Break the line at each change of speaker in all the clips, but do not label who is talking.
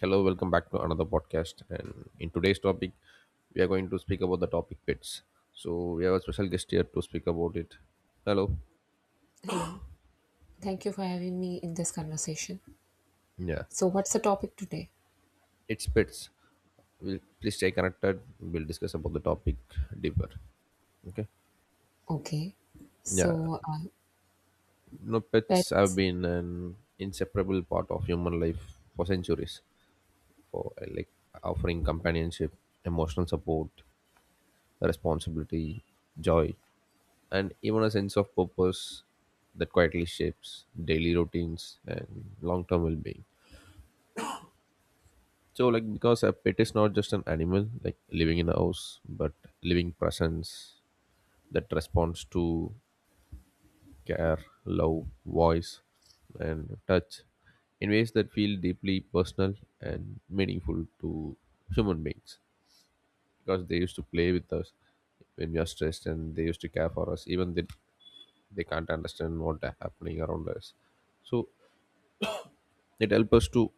Hello, welcome back to another podcast. And in today's topic, we are going to speak about the topic pets. So we have a special guest here to speak about it. Hello.
Hello. Thank you for having me in this conversation.
Yeah,
So, what's the topic today?
it's pets. We'll please stay connected. We'll discuss about the topic deeper. Okay.
Okay.
Yeah.
So, uh,
Pets have
pets.
been an inseparable part of human life for centuries. For like offering companionship, emotional support, responsibility, joy, and even a sense of purpose that quietly shapes daily routines and long-term well-being, so like because a pet is not just an animal like living in a house but living presence that responds to care, love, voice, and touch in ways that feel deeply personal and meaningful to human beings, because they used to play with us when we are stressed and they used to care for us even they can't understand what are happening around us. So it helps us to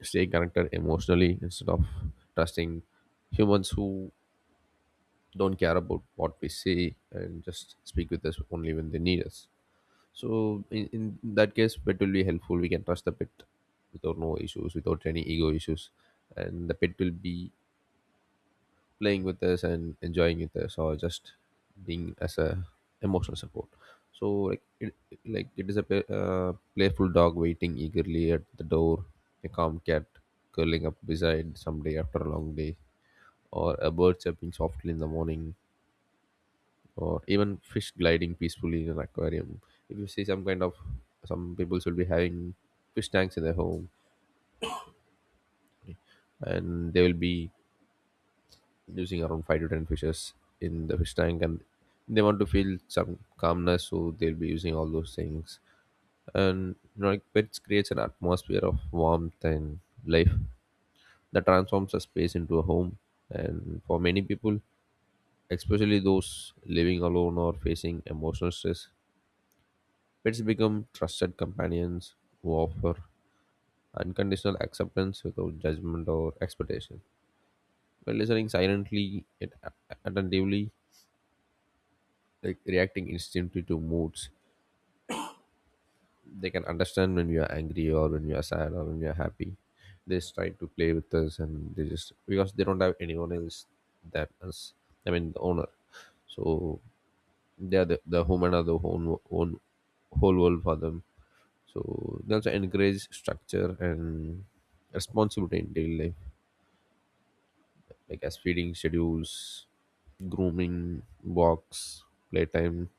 stay connected emotionally instead of trusting humans who don't care about what we say and just speak with us only when they need us. So in that case, pet will be helpful. We can trust the pet without no issues, without any ego issues, and the pet will be playing with us and enjoying with us or just being as a emotional support. So like it is a playful dog waiting eagerly at the door, a calm cat curling up beside someday after a long day, or a bird chirping softly in the morning, or even fish gliding peacefully in an aquarium. If you see some kind of, some people should be having fish tanks in their home, and they will be using around 5 to 10 fishes in the fish tank, and they want to feel some calmness, so they'll be using all those things. And like pets creates an atmosphere of warmth and life that transforms a space into a home. And for many people, especially those living alone or facing emotional stress, pets become trusted companions who offer unconditional acceptance without judgment or expectation. By listening silently yet attentively, like reacting instantly to moods. They can understand when we are angry or when we are sad or when we are happy. They just try to play with us and they just because they don't have anyone else that us. I mean the owner. So they are the human are the whole world for them. So they also encourage structure and responsibility in daily life, like as feeding schedules, grooming, walks, playtime,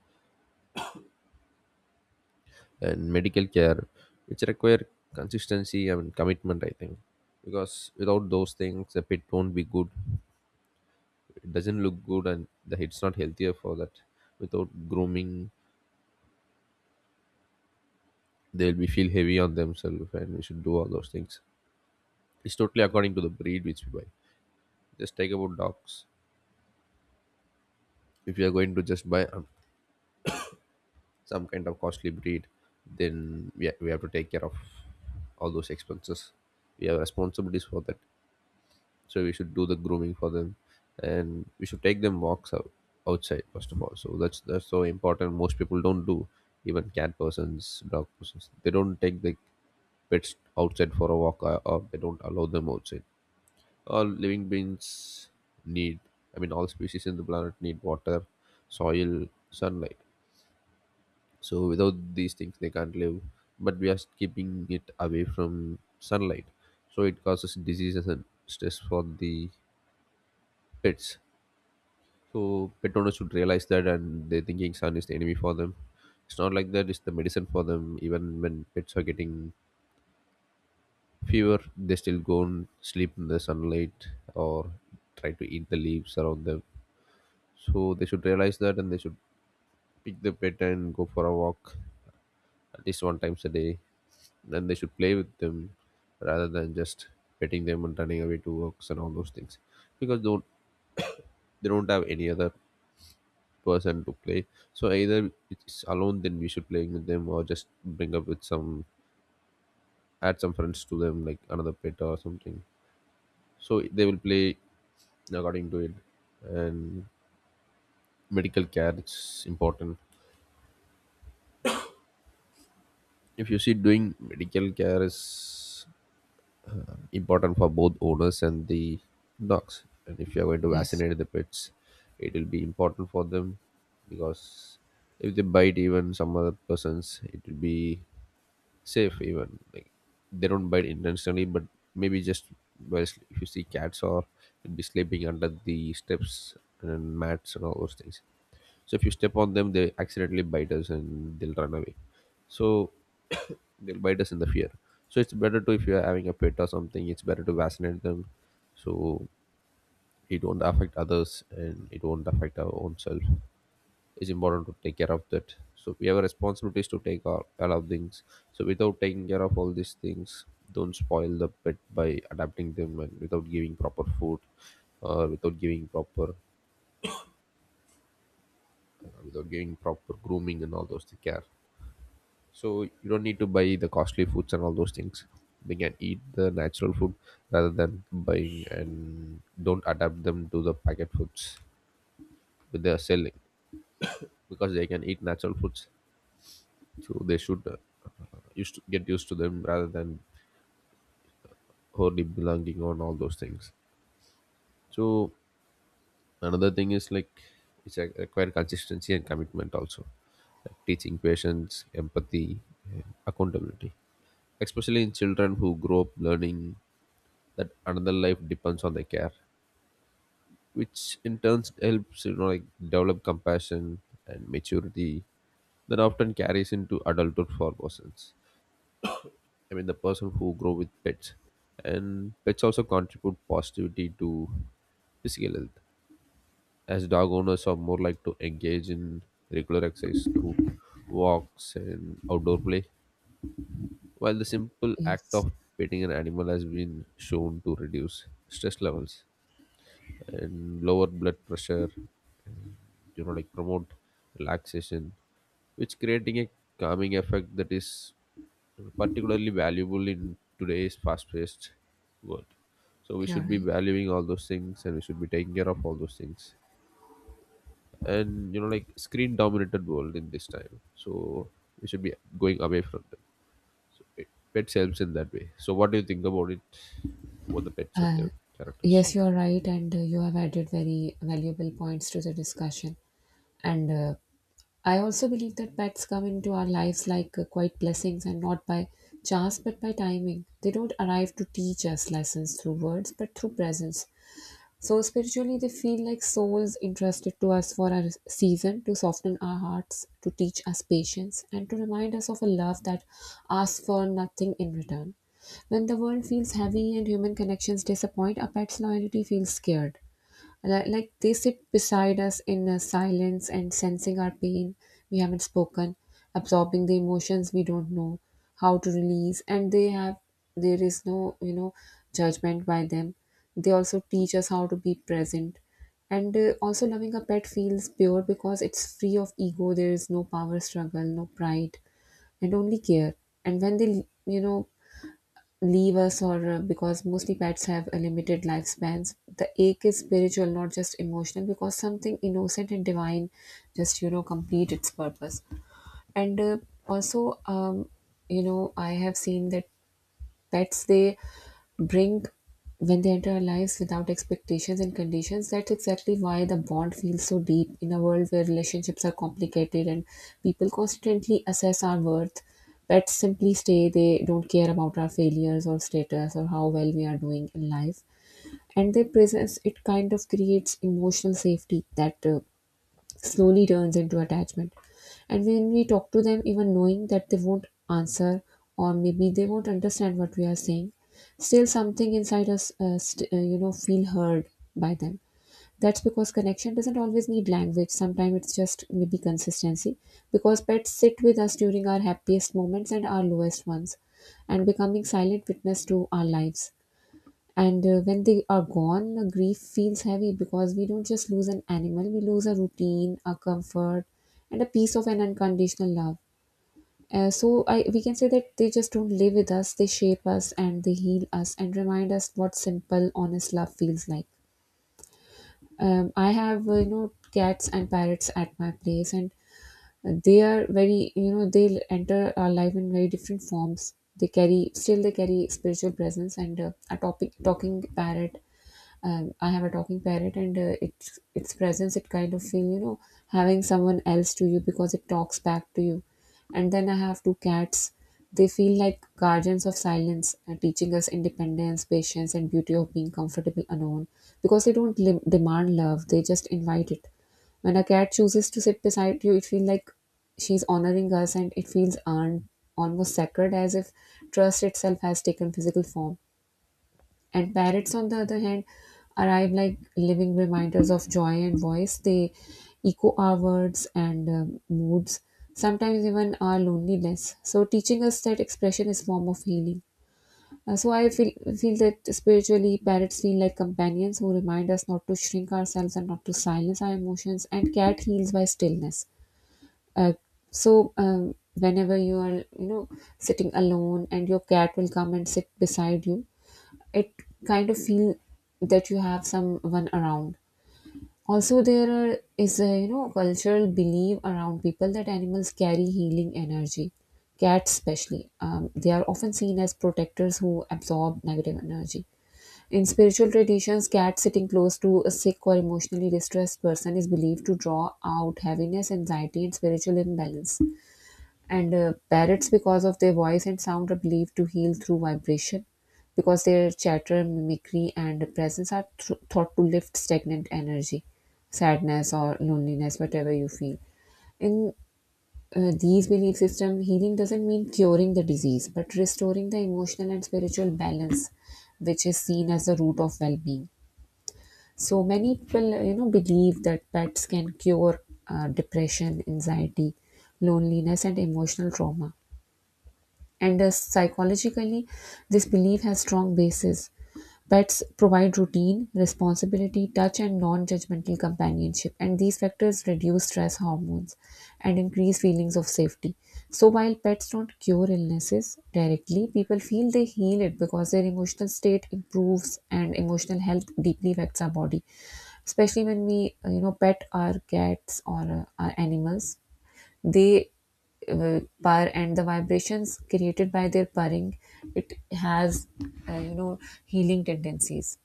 and medical care, which require consistency and commitment, I think. Because without those things, the pet won't be good. It doesn't look good, and the it's not healthier for that. Without grooming, they'll be feel heavy on themselves, and we should do all those things. It's totally according to the breed which we buy. Just take about dogs. If you are going to just buy some kind of costly breed, then we have to take care of all those expenses. We have responsibilities for that. So we should do the grooming for them, and we should take them outside first of all. So that's so important. Most people don't do, even cat persons, dog persons, they don't take the pets outside for a walk, or they don't allow them outside. All living beings need, I mean all species in the planet need water, soil, sunlight. So without these things they can't live, but we are keeping it away from sunlight, so it causes diseases and stress for the pets. So pet owners should realize that, and they're thinking sun is the enemy for them. It's not like that; it's the medicine for them. Even when pets are getting fever, they still go and sleep in the sunlight or try to eat the leaves around them. So they should realize that, and they should pick the pet and go for a walk at least one times a day. Then they should play with them rather than just petting them and running away to works and all those things, because they don't have any other person to play. So either it's alone, then we should playing with them, or just bring up with some, add some friends to them like another pet or something, so they will play according to it. And medical care is important. If you see, doing medical care is important for both owners and the dogs. And if you are going to
Yes.
vaccinate the pets, it will be important for them, because if they bite even some other persons, it will be safe. Even like they don't bite intentionally, but maybe just, well, if you see cats, or it'd be sleeping under the steps and mats and all those things, so if you step on them they accidentally bite us and they'll run away. So they'll bite us in the fear. So it's better to, if you're having a pet or something, it's better to vaccinate them, so it won't affect others and it won't affect our own self. It's important to take care of that, so we have responsibilities to take all of things. So without taking care of all these things, don't spoil the pet by adapting them and without giving proper food, or without giving proper grooming and all those things care. So you don't need to buy the costly foods and all those things. They can eat the natural food rather than buying, and don't adapt them to the packet foods with their selling, because they can eat natural foods. So they should used to get used to them rather than wholly belonging on all those things. So another thing is like it's a require consistency and commitment also, like teaching patience, empathy, and accountability, especially in children who grow up learning that another life depends on their care, which in turn helps, you know, like develop compassion and maturity that often carries into adulthood for persons. I mean, the person who grow with pets. And pets also contribute positivity to physical health, as dog owners are more like to engage in regular exercise through walks and outdoor play, while the simple act
Yes.
of petting an animal has been shown to reduce stress levels and lower blood pressure, you know, like promote relaxation, which creating a calming effect that is particularly valuable in today's fast-paced world. So we
You're
should be
right.
valuing all those things, and we should be taking care of all those things. And you know, like screen-dominated world in this time, so we should be going away from them. It, pets helps in that way. So what do you think about it, about the pets and their characters?
Yes, you're right. And you have added very valuable points to the discussion. And I also believe that pets come into our lives like quite blessings and not by chance but by timing. They don't arrive to teach us lessons through words but through presence. So spiritually, they feel like souls entrusted to us for a season to soften our hearts, to teach us patience, and to remind us of a love that asks for nothing in return. When the world feels heavy and human connections disappoint, a pet's loyalty feels scared. Like they sit beside us in a silence and sensing our pain we haven't spoken, absorbing the emotions we don't know how to release, and they have there is no judgment by them. They also teach us how to be present, and also loving a pet feels pure because it's free of ego. There is no power struggle, no pride, and only care. And when they leave us, or because mostly pets have a limited lifespans, the ache is spiritual, not just emotional, because something innocent and divine just complete its purpose. And also I have seen that pets they bring when they enter our lives without expectations and conditions. That's exactly why the bond feels so deep in a world where relationships are complicated and people constantly assess our worth. Pets simply stay. They don't care about our failures or status or how well we are doing in life. And their presence, it kind of creates emotional safety that slowly turns into attachment. And when we talk to them, even knowing that they won't answer or maybe they won't understand what we are saying, still something inside us, feel heard by them. That's because connection doesn't always need language. Sometimes it's just maybe consistency. Because pets sit with us during our happiest moments and our lowest ones, and becoming silent witness to our lives. And when they are gone, the grief feels heavy because we don't just lose an animal, we lose a routine, a comfort, and a piece of an unconditional love. We can say that they just don't live with us, they shape us and they heal us and remind us what simple, honest love feels like. I have, cats and parrots at my place, and they are very, they enter our life in very different forms. They carry spiritual presence, and talking parrot. I have a talking parrot, and its presence, it kind of feel having someone else to you because it talks back to you. And then I have two cats. They feel like guardians of silence, teaching us independence, patience, and beauty of being comfortable alone. Because they don't demand love; they just invite it. When a cat chooses to sit beside you, it feels like she's honoring us, and it feels earned, almost sacred, as if trust itself has taken physical form. And parrots, on the other hand, arrive like living reminders of joy and voice. They echo our words and moods, sometimes even our loneliness, so teaching us that expression is form of healing. So, I feel that spiritually, parrots feel like companions who remind us not to shrink ourselves and not to silence our emotions. And cat heals by stillness. Uh, whenever you are, sitting alone, and your cat will come and sit beside you, it kind of feel that you have someone around. Also there is a cultural belief around people that animals carry healing energy. Cats especially, they are often seen as protectors who absorb negative energy. In spiritual traditions, cats sitting close to a sick or emotionally distressed person is believed to draw out heaviness, anxiety, and spiritual imbalance. And parrots, because of their voice and sound, are believed to heal through vibration, because their chatter, mimicry, and presence are thought to lift stagnant energy, sadness, or loneliness, whatever you feel. In these belief system, healing doesn't mean curing the disease, but restoring the emotional and spiritual balance, which is seen as the root of well-being. So many people, believe that pets can cure depression, anxiety, loneliness, and emotional trauma, and thus psychologically this belief has strong basis. Pets provide routine, responsibility, touch, and non-judgmental companionship, and these factors reduce stress hormones and increase feelings of safety. So while pets don't cure illnesses directly, people feel they heal it because their emotional state improves, and emotional health deeply affects our body, especially when we pet our cats or our animals. They purr, and the vibrations created by their purring, it has uh, you know healing tendencies.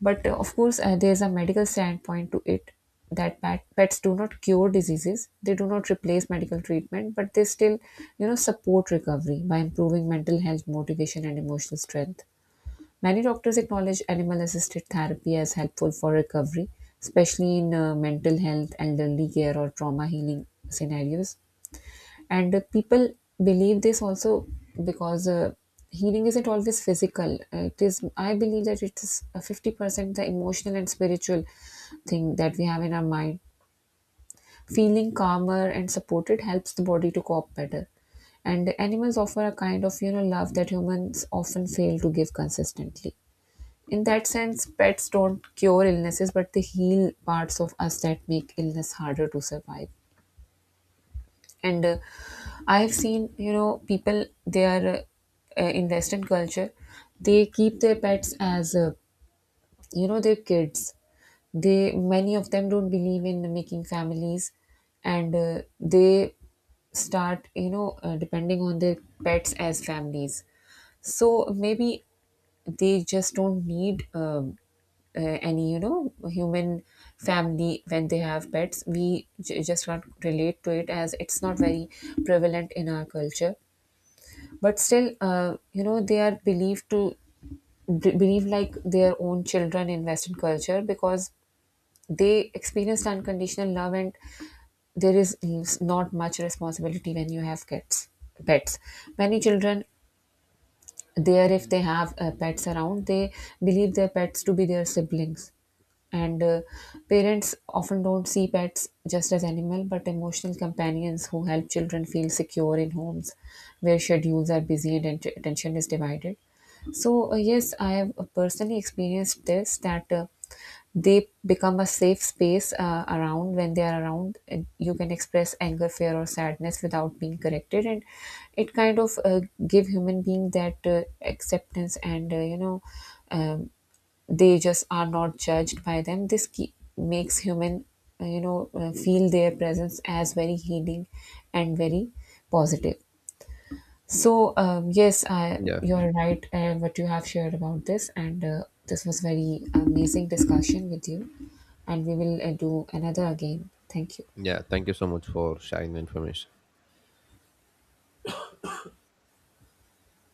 But of course, there's a medical standpoint to it, that pets do not cure diseases, they do not replace medical treatment, but they still support recovery by improving mental health, motivation, and emotional strength. Many doctors acknowledge animal assisted therapy as helpful for recovery, especially in mental health, elderly care, or trauma healing scenarios. And people believe this also because healing isn't always physical. It is, I believe that it is 50% the emotional and spiritual thing that we have in our mind. Feeling calmer and supported helps the body to cope better, and animals offer a kind of love that humans often fail to give consistently. In that sense, pets don't cure illnesses, but they heal parts of us that make illness harder to survive. And I've seen, people, they are in western culture, they keep their pets as, their kids. They, many of them, don't believe in making families, and they start, depending on their pets as families. So maybe they just don't need any, human family when they have pets. We just can't relate to it as it's not very prevalent in our culture. But still, they are believed to believe like their own children in western culture, because they experienced unconditional love, and there is not much responsibility when you have kids. Pets, many children there, if they have pets around, they believe their pets to be their siblings. And parents often don't see pets just as animal but emotional companions who help children feel secure in homes where schedules are busy and attention is divided. So yes, I have personally experienced this, that they become a safe space, around, when they are around, and you can express anger, fear, or sadness without being corrected, and it kind of give human being that acceptance, and um, they just are not judged by them. Makes human feel their presence as very healing and very positive. So, yes, I,
Yeah,
you're right, what you have shared about this, and this was very amazing discussion with you, and we will do another again. Thank you.
yeah. Thank you so much for sharing the information.